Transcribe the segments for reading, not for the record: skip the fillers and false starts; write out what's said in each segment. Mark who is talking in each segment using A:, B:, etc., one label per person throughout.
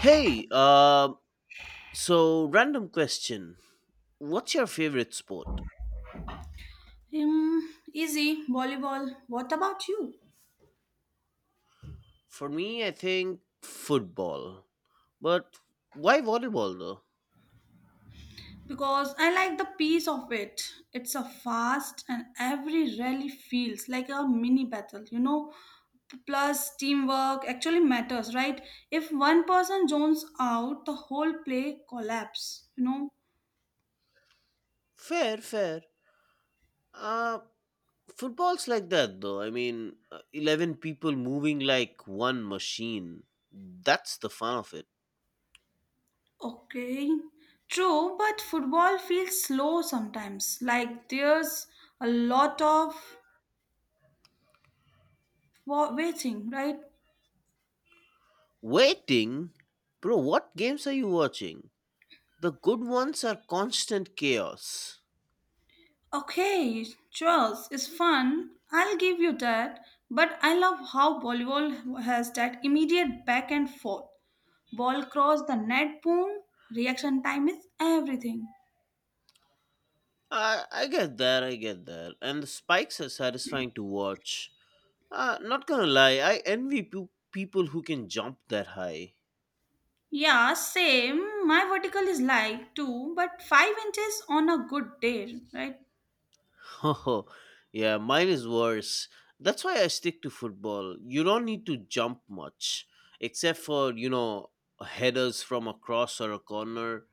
A: Hey, so random question. What's your favorite sport?
B: Um, Easy volleyball. What about you?
A: For me, I think football. But why volleyball though?
B: Because I like the peace of it. It's a fast and every rally feels like a mini battle. Plus, teamwork actually matters, right? If one person zones out, the whole play collapse.
A: Fair, fair. Uh, Football's like that though. I mean, 11 people moving like one machine. That's the fun of it.
B: Okay, true, but football feels slow sometimes. Like there's a lot of waiting, right?
A: Waiting? Bro, what games are you watching? The good ones are constant chaos.
B: Okay, Charles, it's fun. I'll give you that. But I love how volleyball has that immediate back and forth. Ball cross the net, boom. Reaction time is everything.
A: I get that, I get that. And the spikes are satisfying to watch. Not gonna lie, I envy people who can jump that high.
B: Yeah, same. My vertical is like two, but 5 inches on a good day, right?
A: Oh, yeah, mine is worse. That's why I stick to football. You don't need to jump much, except for, headers from a cross or a corner.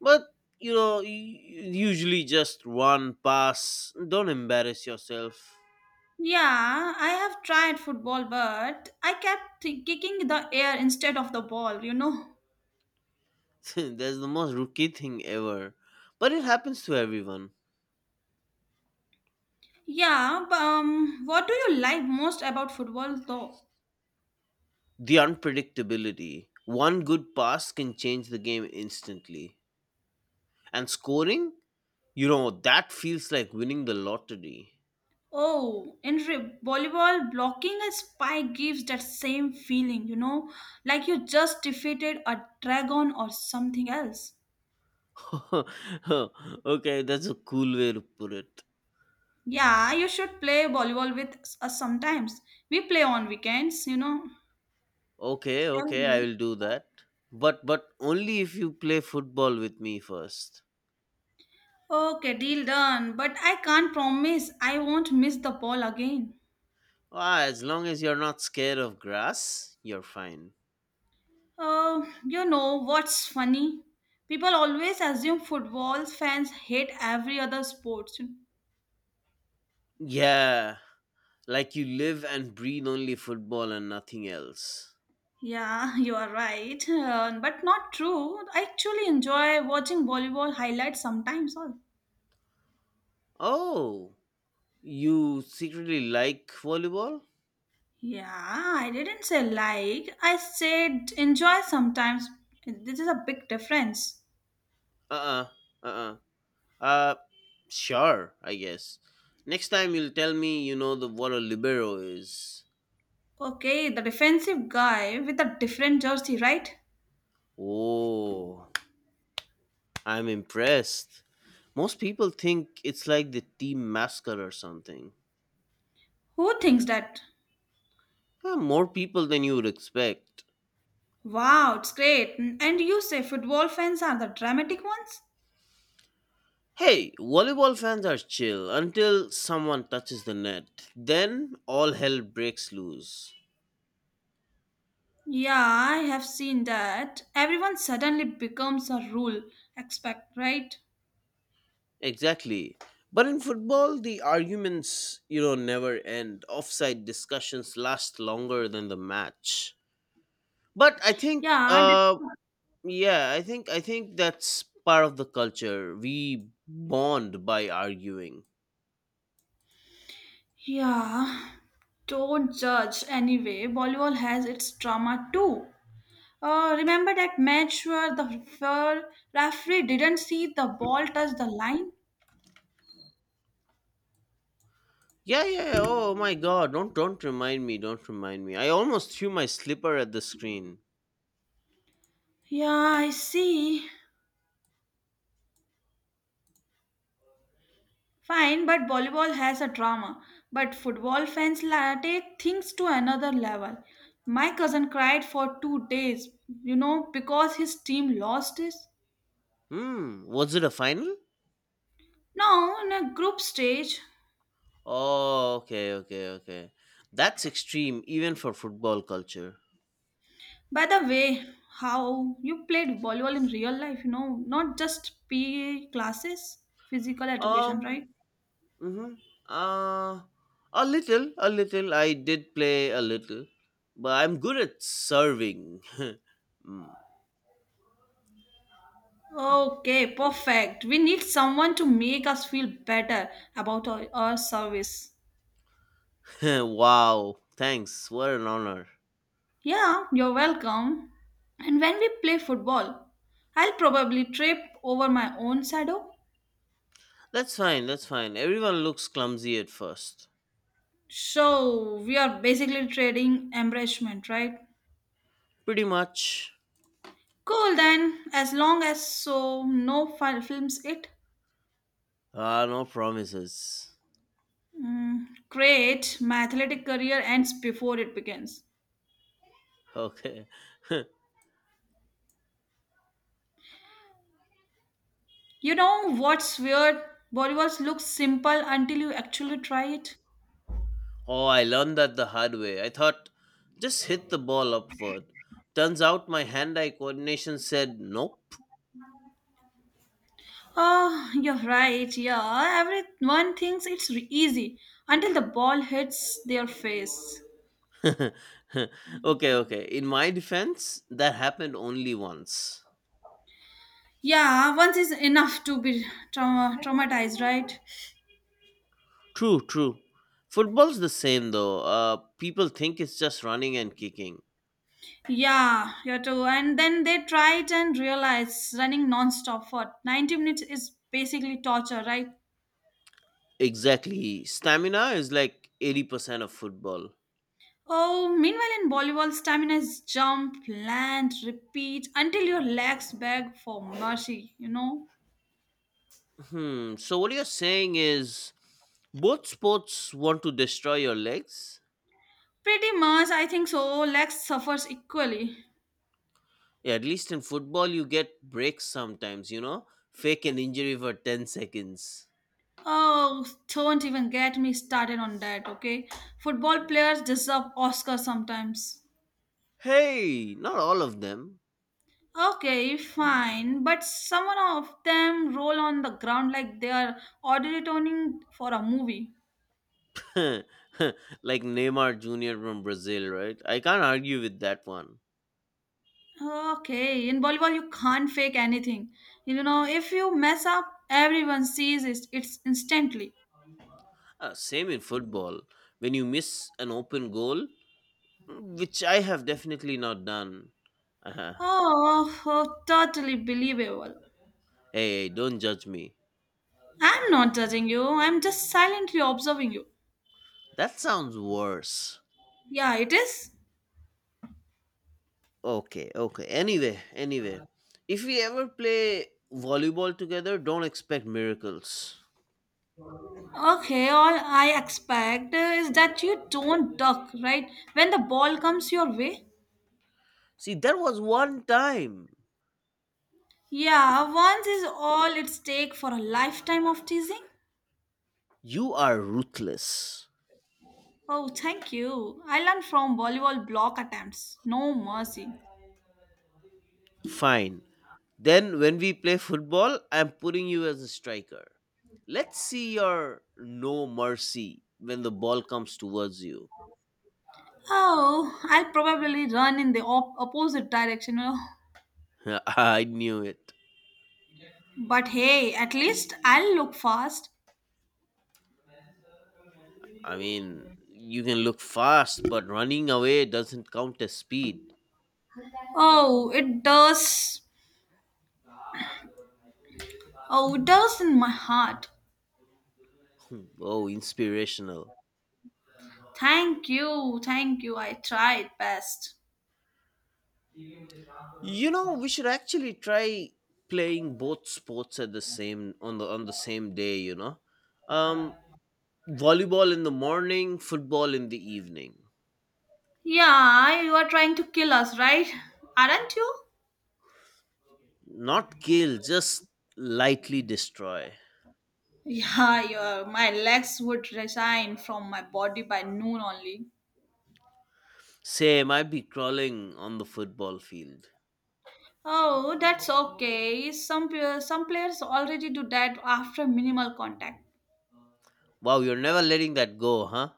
A: But, you usually just run, pass, don't embarrass yourself.
B: Yeah, I have tried football, but I kept kicking the air instead of the ball.
A: That's the most rookie thing ever. But it happens to everyone.
B: Yeah, but what do you like most about football, though?
A: The unpredictability. One good pass can change the game instantly. And scoring, that feels like winning the lottery.
B: Oh, in volleyball, blocking a spike gives that same feeling, you know, like you just defeated a dragon or something else.
A: Okay, that's a cool way to put it.
B: Yeah, you should play volleyball with us sometimes. We play on weekends.
A: Okay,
B: Shall
A: okay, I
B: we?
A: will do that. But only if you play football with me first.
B: Okay, deal done. But I can't promise I won't miss the ball again.
A: Ah, as long as you're not scared of grass, you're fine.
B: You know what's funny? People always assume football fans hate every other sports.
A: Yeah, like you live and breathe only football and nothing else.
B: Yeah, you are right, but not true. I actually enjoy watching volleyball highlights sometimes. All.
A: Oh, you secretly like volleyball.
B: Yeah, I didn't say like. I said enjoy sometimes. This is a big difference.
A: Uh-uh, uh-uh. Uh, sure, I guess. Next time you'll tell me you know the what a libero is.
B: Okay, the defensive guy with a different jersey, right?
A: Oh, I'm impressed. Most people think it's like the team mascot or something.
B: Who thinks that?
A: Huh, more people than you would expect.
B: Wow, it's great. And you say football fans are the dramatic ones?
A: Hey, volleyball fans are chill until someone touches the net. Then all hell breaks loose.
B: Yeah, I have seen that. Everyone suddenly becomes a rule expect, right?
A: Exactly. But in football, the arguments, never end. Offside discussions last longer than the match. But I think
B: Yeah, I did-
A: Yeah, I think that's part of the culture, we bond by arguing.
B: Yeah, don't judge. Anyway, volleyball has its drama too. Remember that match where the where referee didn't see the ball touch the line?
A: Yeah, yeah, yeah. Oh my god, don't remind me, don't remind me, I almost threw my slipper at the screen.
B: Yeah, I see. Fine, but volleyball has a drama. But football fans take things to another level. My cousin cried for two days, because his team lost this.
A: Was it a final?
B: Now, in a group stage,
A: Oh, okay, okay, okay, that's extreme even for football culture.
B: By the way, how you played volleyball in real life, not just PE classes, physical
A: um
B: education, right?
A: mm-hmm. uh a little, I did play a little. But I'm good at serving. Mm.
B: Okay, perfect. We need someone to make us feel better about our service.
A: Wow, thanks. What an honor.
B: Yeah, you're welcome. And when we play football, I'll probably trip over my own shadow.
A: That's fine, that's fine. Everyone looks clumsy at first.
B: So we are basically trading embarrassment, right?
A: Pretty much.
B: Cool then, as long as so no films it.
A: Ah, no promises.
B: Mm, great. My athletic career ends before it begins.
A: Okay.
B: You know what's weird? Bollywood looks simple until you actually try it.
A: Oh, I learned that the hard way. I thought just hit the ball upward. Turns out my hand eye coordination said nope.
B: Oh, you're right. Yeah, everyone thinks it's easy until the ball hits their face.
A: Okay, okay. In my defense, that happened only once.
B: Yeah, once is enough to be traumatized, right?
A: True, true. Football's the same though. People think it's just running and kicking.
B: Yeah, you too. And then they try it and realize running non-stop for 90 minutes is basically torture, right?
A: Exactly. Stamina is like 80% of football.
B: Oh, meanwhile in volleyball, stamina is jump, land, repeat until your legs beg for mercy, you know?
A: Hmm. So what you're saying is both sports want to destroy your legs.
B: Pretty much, I think so. Legs suffers equally.
A: Yeah, at least in football you get breaks sometimes, you know? Fake an injury for 10 seconds.
B: Oh, don't even get me started on that, okay? Football players deserve Oscar sometimes.
A: Hey, not all of them.
B: Okay, fine, but some of them roll on the ground like they are auditioning for a movie.
A: Like Neymar Jr. from Brazil, right? I can't argue with that one.
B: Okay, in volleyball you can't fake anything. You know, if you mess up, everyone sees it. It's instantly.
A: Same in football. When you miss an open goal, which I have definitely not done.
B: Oh, oh, totally believable.
A: Hey, hey, don't judge me.
B: I'm not judging you. I'm just silently observing you.
A: That sounds worse.
B: Yeah, it is.
A: Okay, okay. Anyway, anyway. If we ever play volleyball together, don't expect miracles.
B: Okay, all I expect is that you don't duck, right? When the ball comes your way.
A: See, there was one time.
B: Yeah, once is all it's take for a lifetime of teasing.
A: You are ruthless.
B: Oh, thank you. I learned from volleyball block attempts. No mercy.
A: Fine. Then when we play football, I'm putting you as a striker. Let's see your no mercy when the ball comes towards you.
B: Oh, I'll probably run in the opposite direction. Oh,
A: I knew it.
B: but hey, at least I'll look fast.
A: I mean, you can look fast, but running away doesn't count as speed.
B: Oh, it does. Oh, it does in my heart.
A: Hmm. Oh, inspirational.
B: Thank you, thank you. I tried best.
A: We should actually try playing both sports at the same on the same day. Um Volleyball in the morning, football in the evening.
B: Yeah, you are trying to kill us, right? Aren't you?
A: Not kill, just lightly destroy.
B: Yeah, your my legs would resign from my body by noon only.
A: Same, I'd be crawling on the football field.
B: Oh, that's okay. Some some players already do that after minimal contact.
A: Wow, you're never letting that go, huh?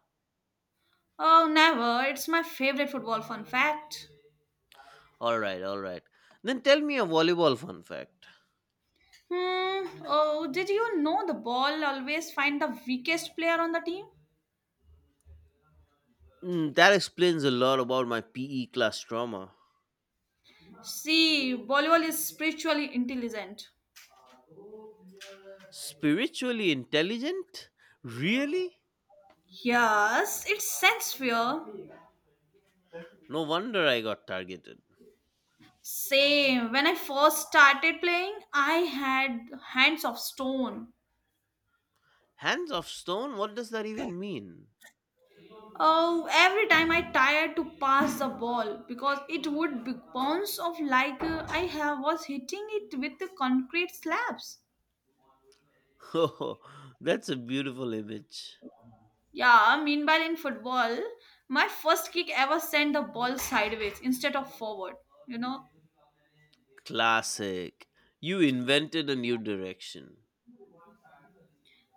B: Oh, never. It's my favorite football fun fact.
A: All right, all right. Then tell me a volleyball fun fact.
B: Hmm. Oh, did you know the ball always find the weakest player on the team?
A: That explains a lot about my PE class trauma.
B: See, volleyball is spiritually intelligent.
A: Spiritually intelligent? Really?
B: Yes, it sense fear.
A: No wonder I got targeted.
B: Same. When I first started playing, I had hands of stone.
A: Hands of stone? What does that even mean?
B: Oh, every time I tired to pass the ball because it would be bounce off like I have was hitting it with the concrete slabs.
A: Oh, that's a beautiful image.
B: Yeah, meanwhile in football, my first kick ever sent the ball sideways instead of forward, you know?
A: Classic. You invented a new direction.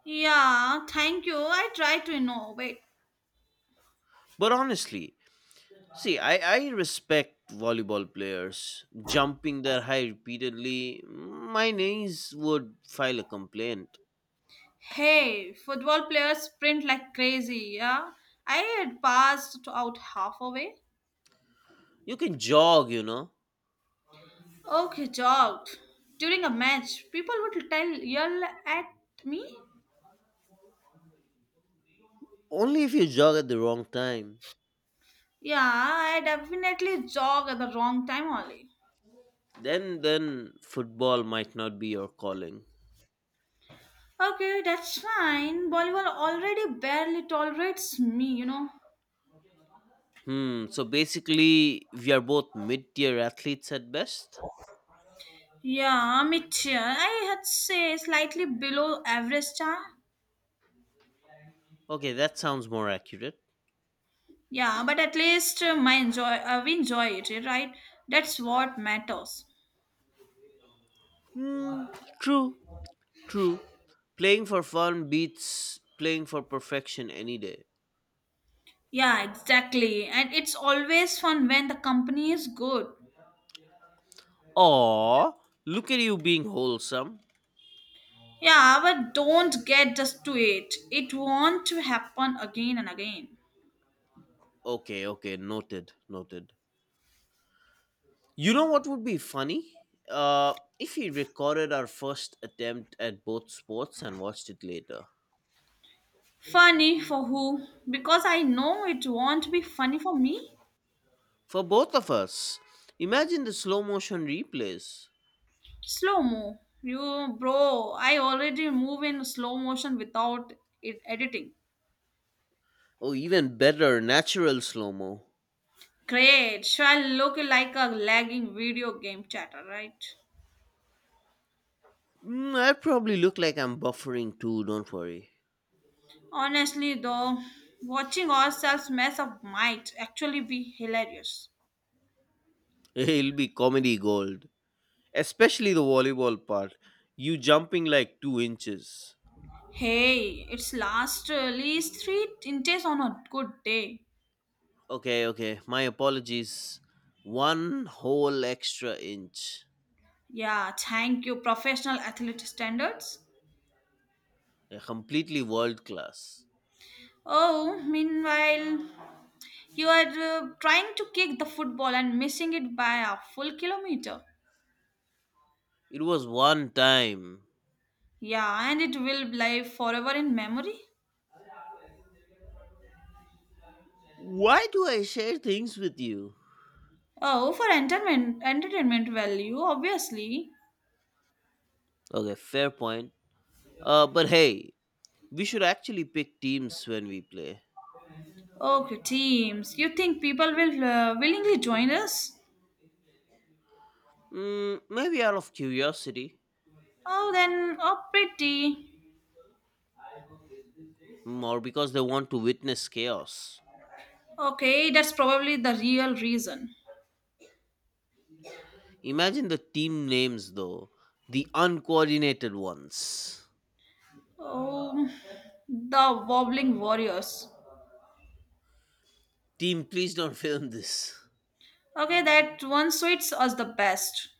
B: Yeah, thank you. I try to innovate.
A: But honestly, see, I respect volleyball players. Jumping their high repeatedly, my knees would file a complaint.
B: Hey, football players sprint like crazy, yeah? I had passed out halfway.
A: You can jog, you know.
B: Okay, jogged. During a match, people would tell yell at me.
A: Only if you jog at the wrong time.
B: Yeah, I definitely jog at the wrong time only.
A: Then football might not be your calling.
B: Okay, that's fine. Volleyball already barely tolerates me.
A: So basically we are both mid-tier athletes at best.
B: Yeah, mid tier. I had say slightly below average star.
A: Okay, that sounds more accurate.
B: Yeah, but at least my enjoy we enjoy it, eh, right? That's what matters.
A: Hmm. True, true. Playing for fun beats playing for perfection any day.
B: Yeah, exactly. And it's always fun when the company is good.
A: Aw, look at you being wholesome.
B: Yeah, but don't get just to it. It won't happen again and again.
A: Okay, okay. Noted, noted. You know what would be funny, uh if we recorded our first attempt at both sports and watched it later.
B: Funny for who? Because I know it won't be funny for me.
A: For both of us, imagine the slow motion replays.
B: Slow mo. You bro, I already move in slow motion without it editing.
A: Or even better, natural slow mo.
B: Great. So I look like a lagging video game chatter, right?
A: I probably look like I'm buffering too, don't worry.
B: Honestly, though, watching ourselves mess up might actually be hilarious.
A: It'll be comedy gold. Especially the volleyball part. You jumping like 2 inches.
B: Hey, it's last at least 3 inches on a good day.
A: Okay, okay, my apologies. One whole extra inch.
B: Yeah, thank you, professional athlete standards.
A: Completely world class.
B: Oh, meanwhile, you are trying to kick the football and missing it by a full kilometer.
A: It was one time.
B: Yeah, and it will live forever in memory.
A: Why do I share things with you?
B: Oh, for entertainment value, obviously.
A: Okay, fair point. But hey, we should actually pick teams when we play.
B: Okay, teams. You think people will willingly join us?
A: Maybe out of curiosity,
B: Oh, then, oh, pretty.
A: or because they want to witness chaos.
B: Okay, that's probably the real reason.
A: Imagine the team names, though. The uncoordinated ones.
B: Oh, the wobbling warriors.
A: Team, please don't film this.
B: Okay, that one suits us the best.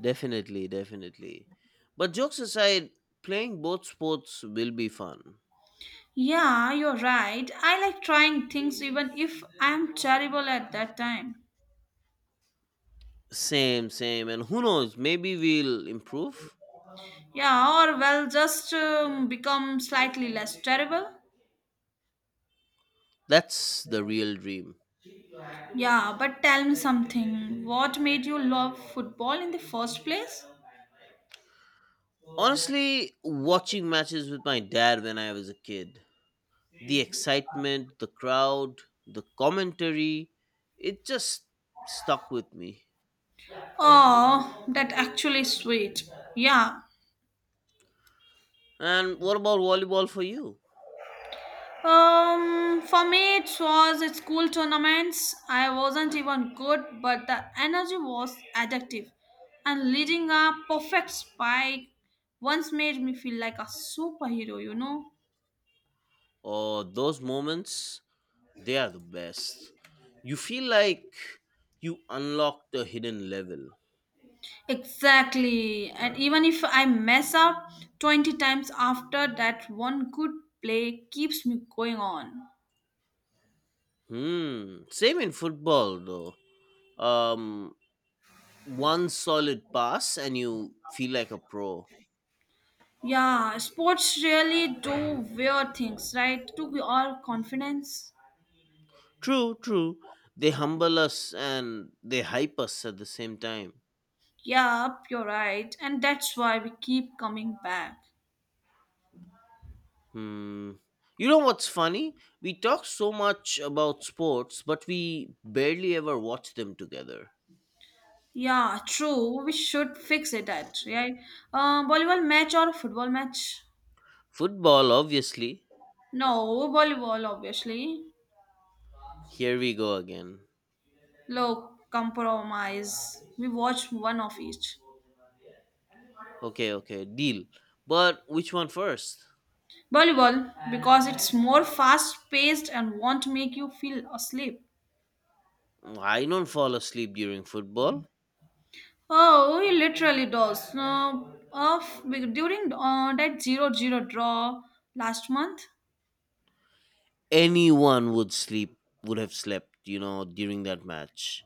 A: Definitely, definitely. But jokes aside, playing both sports will be fun.
B: Yeah, you're right. I like trying things even if I'm terrible at that time.
A: Same, same. And who knows, maybe we'll improve.
B: Yeah, or well, just become slightly less terrible.
A: That's the real dream.
B: Yeah, but tell me something. What made you love football in the first place?
A: Honestly, watching matches with my dad when I was a kid, the excitement, the crowd, the commentary, it just stuck with me.
B: Oh, that actually sweet. Yeah.
A: And what about volleyball for you?
B: For me, it was at school tournaments. I wasn't even good, but the energy was addictive. And leading a perfect spike once made me feel like a superhero, you know?
A: Oh, those moments, they are the best. You feel like you unlocked a hidden level.
B: Exactly. And even if I mess up 20 times after that one good play keeps me going on.
A: Hmm. Same in football though. Um One solid pass and you feel like a pro.
B: Yeah, sports really do weird things, right? To be all confidence.
A: True, true. They humble us and they hype us at the same time.
B: Yep, you're right. And that's why we keep coming back.
A: Hmm. You know what's funny? We talk so much about sports, but we barely ever watch them together.
B: Yeah, true. We should fix it at, right? Volleyball match or football match?
A: Football, obviously.
B: No, volleyball, obviously.
A: Here we go again.
B: Look, compromise. We watch one of each.
A: Okay, okay, deal. But which one first?
B: Volleyball, because it's more fast paced and won't make you feel asleep.
A: I don't fall asleep during football.
B: Oh, he literally does. No, of during that zero zero draw last month.
A: Anyone would have slept, during that match.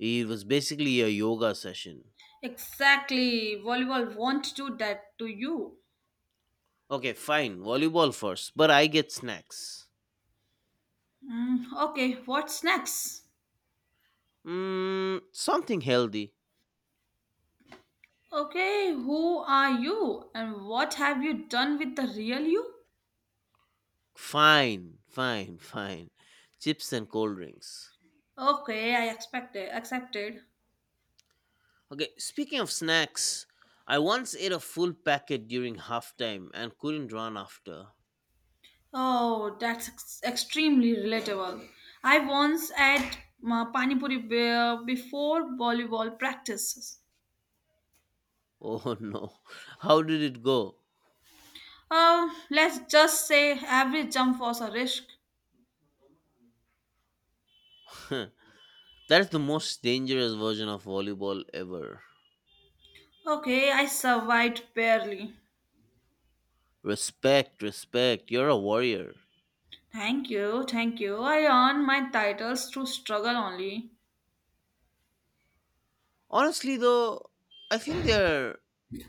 A: It was basically a yoga session.
B: Exactly, volleyball won't do that to you.
A: Okay, fine, volleyball first, but I get snacks.
B: Mm, okay, what's next?
A: Something healthy.
B: Okay, who are you and what have you done with the real you?
A: Fine, fine, fine. Chips and cold drinks.
B: Okay, I expected, accepted.
A: Okay, speaking of snacks, I once ate a full packet during halftime and couldn't run after.
B: Oh, that's extremely relatable. I once at Pani Puri before volleyball practices.
A: Oh, no. How did it go?
B: Let's just say every jump was a risk.
A: That's the most dangerous version of volleyball ever.
B: Okay, I survived barely.
A: Respect, respect. You're a warrior.
B: Thank you, thank you. I earned my titles through struggle only.
A: Honestly, though, I think they're,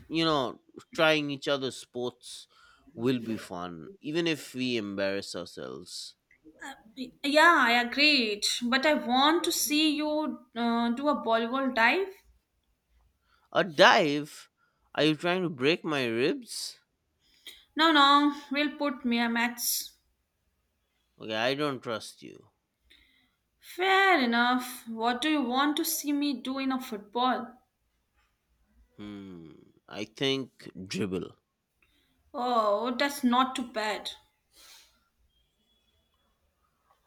A: you know, trying each other's sports will be fun, even if we embarrass ourselves.
B: Yeah, I agreed. But I want to see you do a Bollywood dive.
A: A dive? Are you trying to break my ribs?
B: No, no, we'll put mere mats.
A: Okay, I don't trust you.
B: Fair enough. What do you want to see me do in a football?
A: Hmm. I think dribble.
B: Oh, that's not too bad.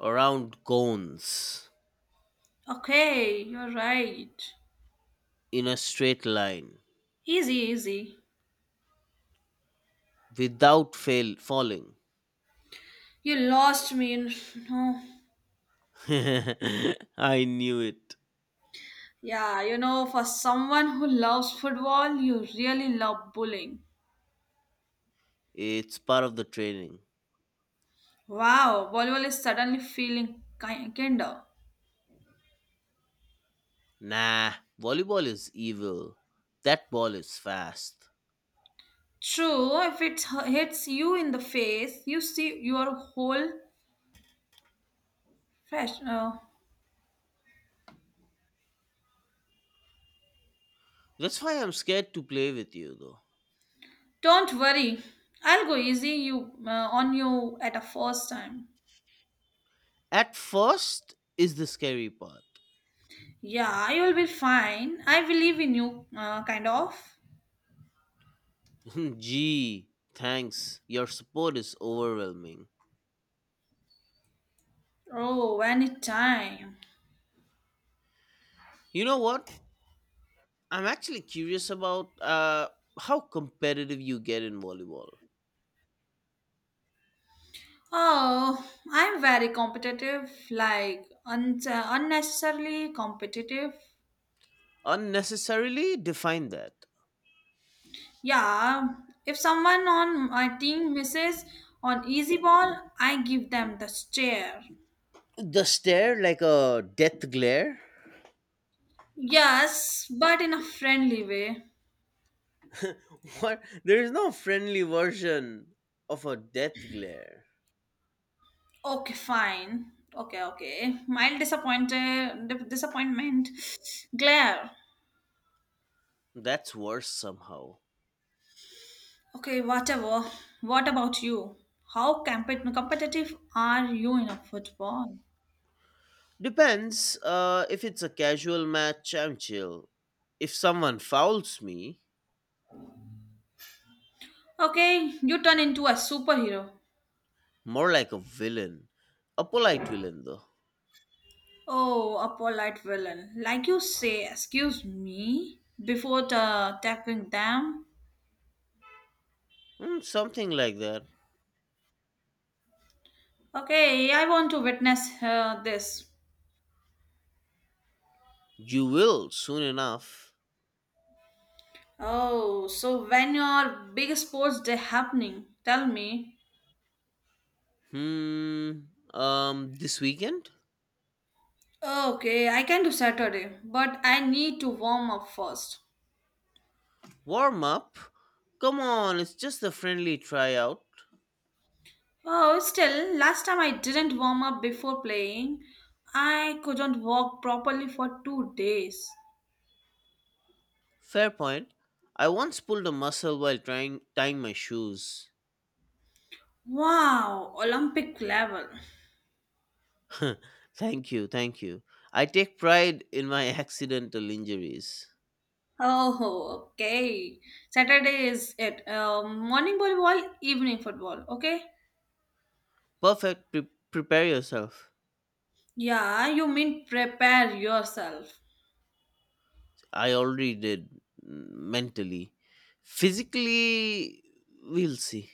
A: Around cones.
B: Okay, you're right.
A: In a straight line.
B: Easy, easy.
A: Without fail falling.
B: You lost me. In- No.
A: I knew it.
B: Yeah, you know, for someone who loves football, you really love bowling.
A: It's part of the training.
B: Wow, volleyball is suddenly feeling kinder.
A: Nah, volleyball is evil. That ball is fast.
B: True, if it hits you in the face, you see your whole fresh.
A: That's why I'm scared to play with you though.
B: Don't worry, I'll go easy you on you at a first time.
A: At first is the scary part.
B: Yeah, you'll be fine. I believe in you, kind of.
A: Gee, thanks. Your support is overwhelming.
B: Oh, anytime.
A: You know what? I'm actually curious about how competitive you get in volleyball.
B: Oh, I'm very competitive, like unnecessarily competitive.
A: Unnecessarily define that.
B: Yeah, if someone on my team misses on easy ball, I give them the stare.
A: The stare like a death glare?
B: Yes, but in a friendly way.
A: What? There is no friendly version of a death glare.
B: Okay, fine. Okay, okay. Mild disappointed, disappointment, glare.
A: That's worse somehow.
B: Okay, whatever. What about you? How competitive are you in a football?
A: Depends. If it's a casual match, I'm chill. If someone fouls me,
B: Okay, you turn into a superhero.
A: more like a villain. A polite villain, though.
B: Oh, a polite villain. Like you say, excuse me, before tackling them.
A: Something like that.
B: Okay, I want to witness this.
A: You will soon enough.
B: Oh, so when your big sports day happening, tell me.
A: Hmm. This weekend.
B: Okay, I can do Saturday, but I need to warm up first.
A: Warm up. Come on, it's just a friendly tryout.
B: Oh, still, last time I didn't warm up before playing. I couldn't walk properly for 2 days.
A: Fair point. I once pulled a muscle while trying tying my shoes.
B: Wow, Olympic level.
A: Thank you, thank you. I take pride in my accidental injuries.
B: Oh, okay. Saturday is it. Morning volleyball, evening football. Okay.
A: Perfect. Prepare yourself.
B: Yeah, you mean prepare yourself.
A: I already did, mm, mentally. Physically, we'll see.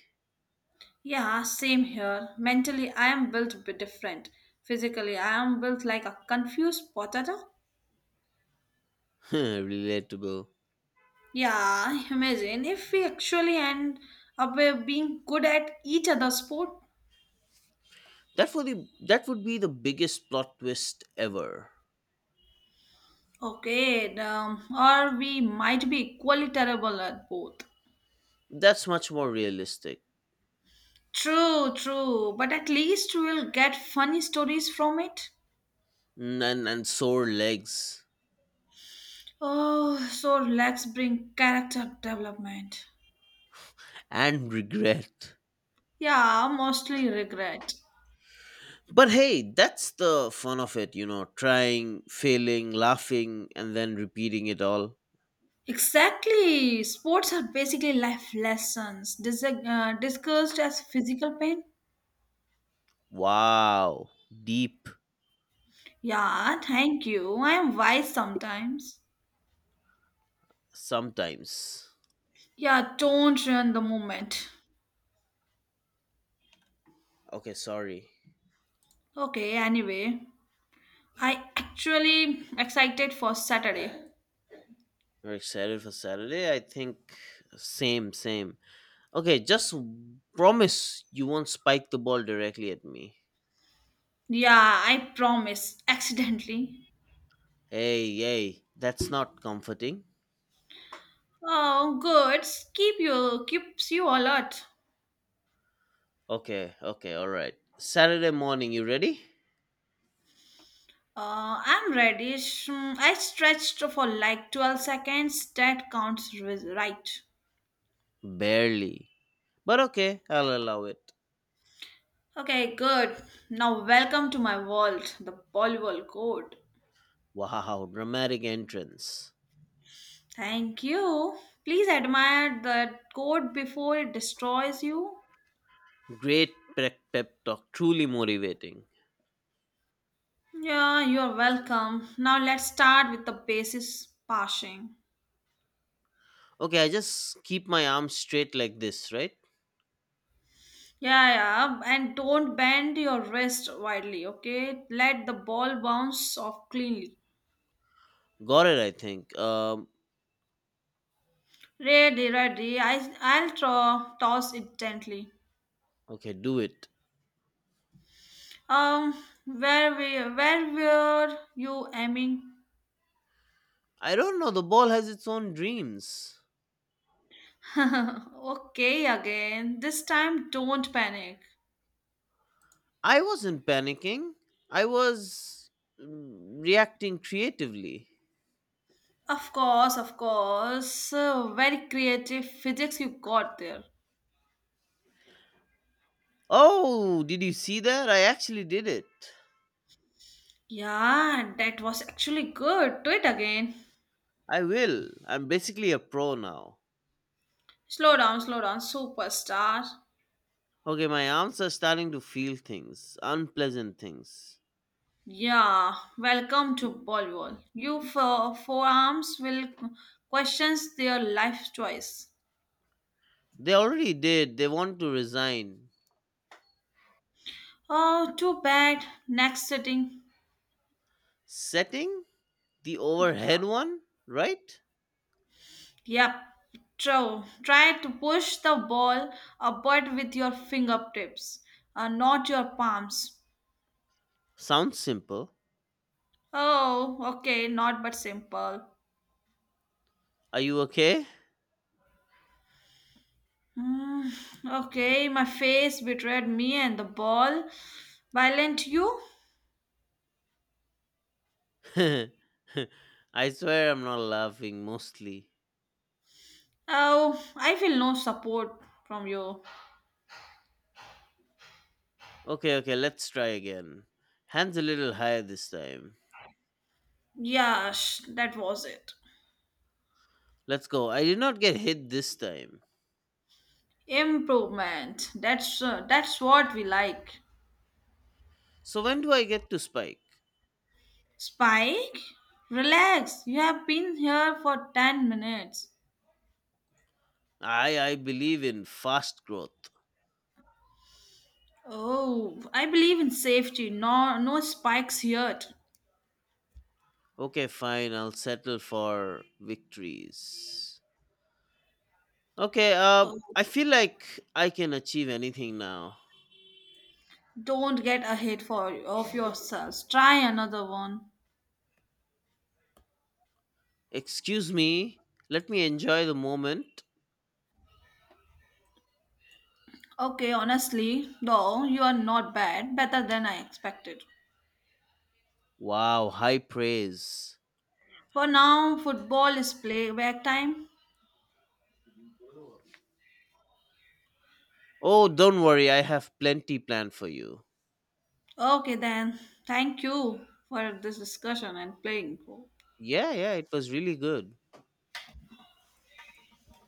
B: Yeah, same here. Mentally, I am built a bit different. Physically, I am built like a confused potato.
A: Relatable.
B: Yeah, imagine if we actually end up being good at each other's sport.
A: That would be the biggest plot twist ever.
B: Okay, or we might be equally terrible at both.
A: That's much more realistic.
B: True, true, but at least we'll get funny stories from it.
A: And sore legs
B: Oh, so let's bring character development.
A: and regret.
B: Yeah, mostly regret.
A: But hey, that's the fun of it, trying, failing, laughing, and then repeating it all.
B: Exactly. Sports are basically life lessons, discussed as physical pain.
A: Wow. Deep
B: Yeah, thank you. I am wise sometimes.
A: sometimes.
B: Yeah, don't ruin the moment.
A: Okay, sorry.
B: Okay, anyway, I actually excited for Saturday.
A: You're excited for Saturday? I think same, same. Okay, just promise you won't spike the ball directly at me.
B: Yeah, I promise. Accidentally.
A: Hey, hey, that's not comforting.
B: Oh, goods keep you keeps you alert.
A: Okay, okay, all right. Saturday morning, you ready?
B: I'm reddish. Mm, I stretched for like 12 seconds. That counts right.
A: Barely. But okay, I'll allow it.
B: Okay, good. Now welcome to my world, the Bollywood code.
A: Wow, dramatic entrance.
B: Thank you. Please admire the code before it destroys you.
A: Great pep talk, truly motivating.
B: Yeah, you're welcome. Now let's start with the basis passing.
A: Okay, I just keep my arms straight like this, right?
B: Yeah, yeah, and don't bend your wrist widely, okay? Let the ball bounce off cleanly.
A: Got it, I think.
B: Ready, ready. I'll toss it gently.
A: Okay, do it.
B: Um, where we where were you aiming?
A: I don't know, the ball has its own dreams.
B: okay, again. This time, don't panic.
A: I wasn't panicking. I was, reacting creatively.
B: Of course, of course. Very creative physics you got there.
A: Oh, did you see that? I actually did it.
B: Yeah, and that was actually good. Do it again.
A: I will. I'm basically a pro now.
B: Slow down, superstar.
A: Okay, my arms are starting to feel things, unpleasant things.
B: Yeah, welcome to Bollywood. You for forearms will questions their life choice.
A: They already did. They want to resign.
B: Oh, too bad. Next sitting.
A: Setting? The
B: Yeah.
A: overhead one, right?
B: Yep. True. Try to push the ball upward with your fingertips, not your palms.
A: Sounds simple.
B: Oh, okay. Not but simple.
A: Are you okay?
B: Hmm. Okay, my face betrayed me and the ball. Violent you?
A: I swear I'm not laughing mostly.
B: Oh, I feel no support from you.
A: Okay, okay, let's try again. Hands a little higher this time.
B: Yeah, that was it.
A: Let's go. I did not get hit this time.
B: Improvement. That's what we like.
A: So when do I get to spike?
B: Spike, relax. You have been here for 10 minutes.
A: I believe in fast growth.
B: Oh, I believe in safety. No spikes yet.
A: Okay, fine. I'll settle for victories. Okay.
B: Oh,
A: I feel like I can achieve anything now.
B: don't get ahead for of yourselves. Try another one.
A: Excuse me. Let me enjoy the moment.
B: Okay, honestly, though, you are not bad. Better than I expected.
A: Wow, high praise.
B: For now, football is play back time.
A: Oh, don't worry. I have plenty planned for you.
B: Okay, then. Thank you for this discussion and playing.
A: Yeah, yeah. It was really good.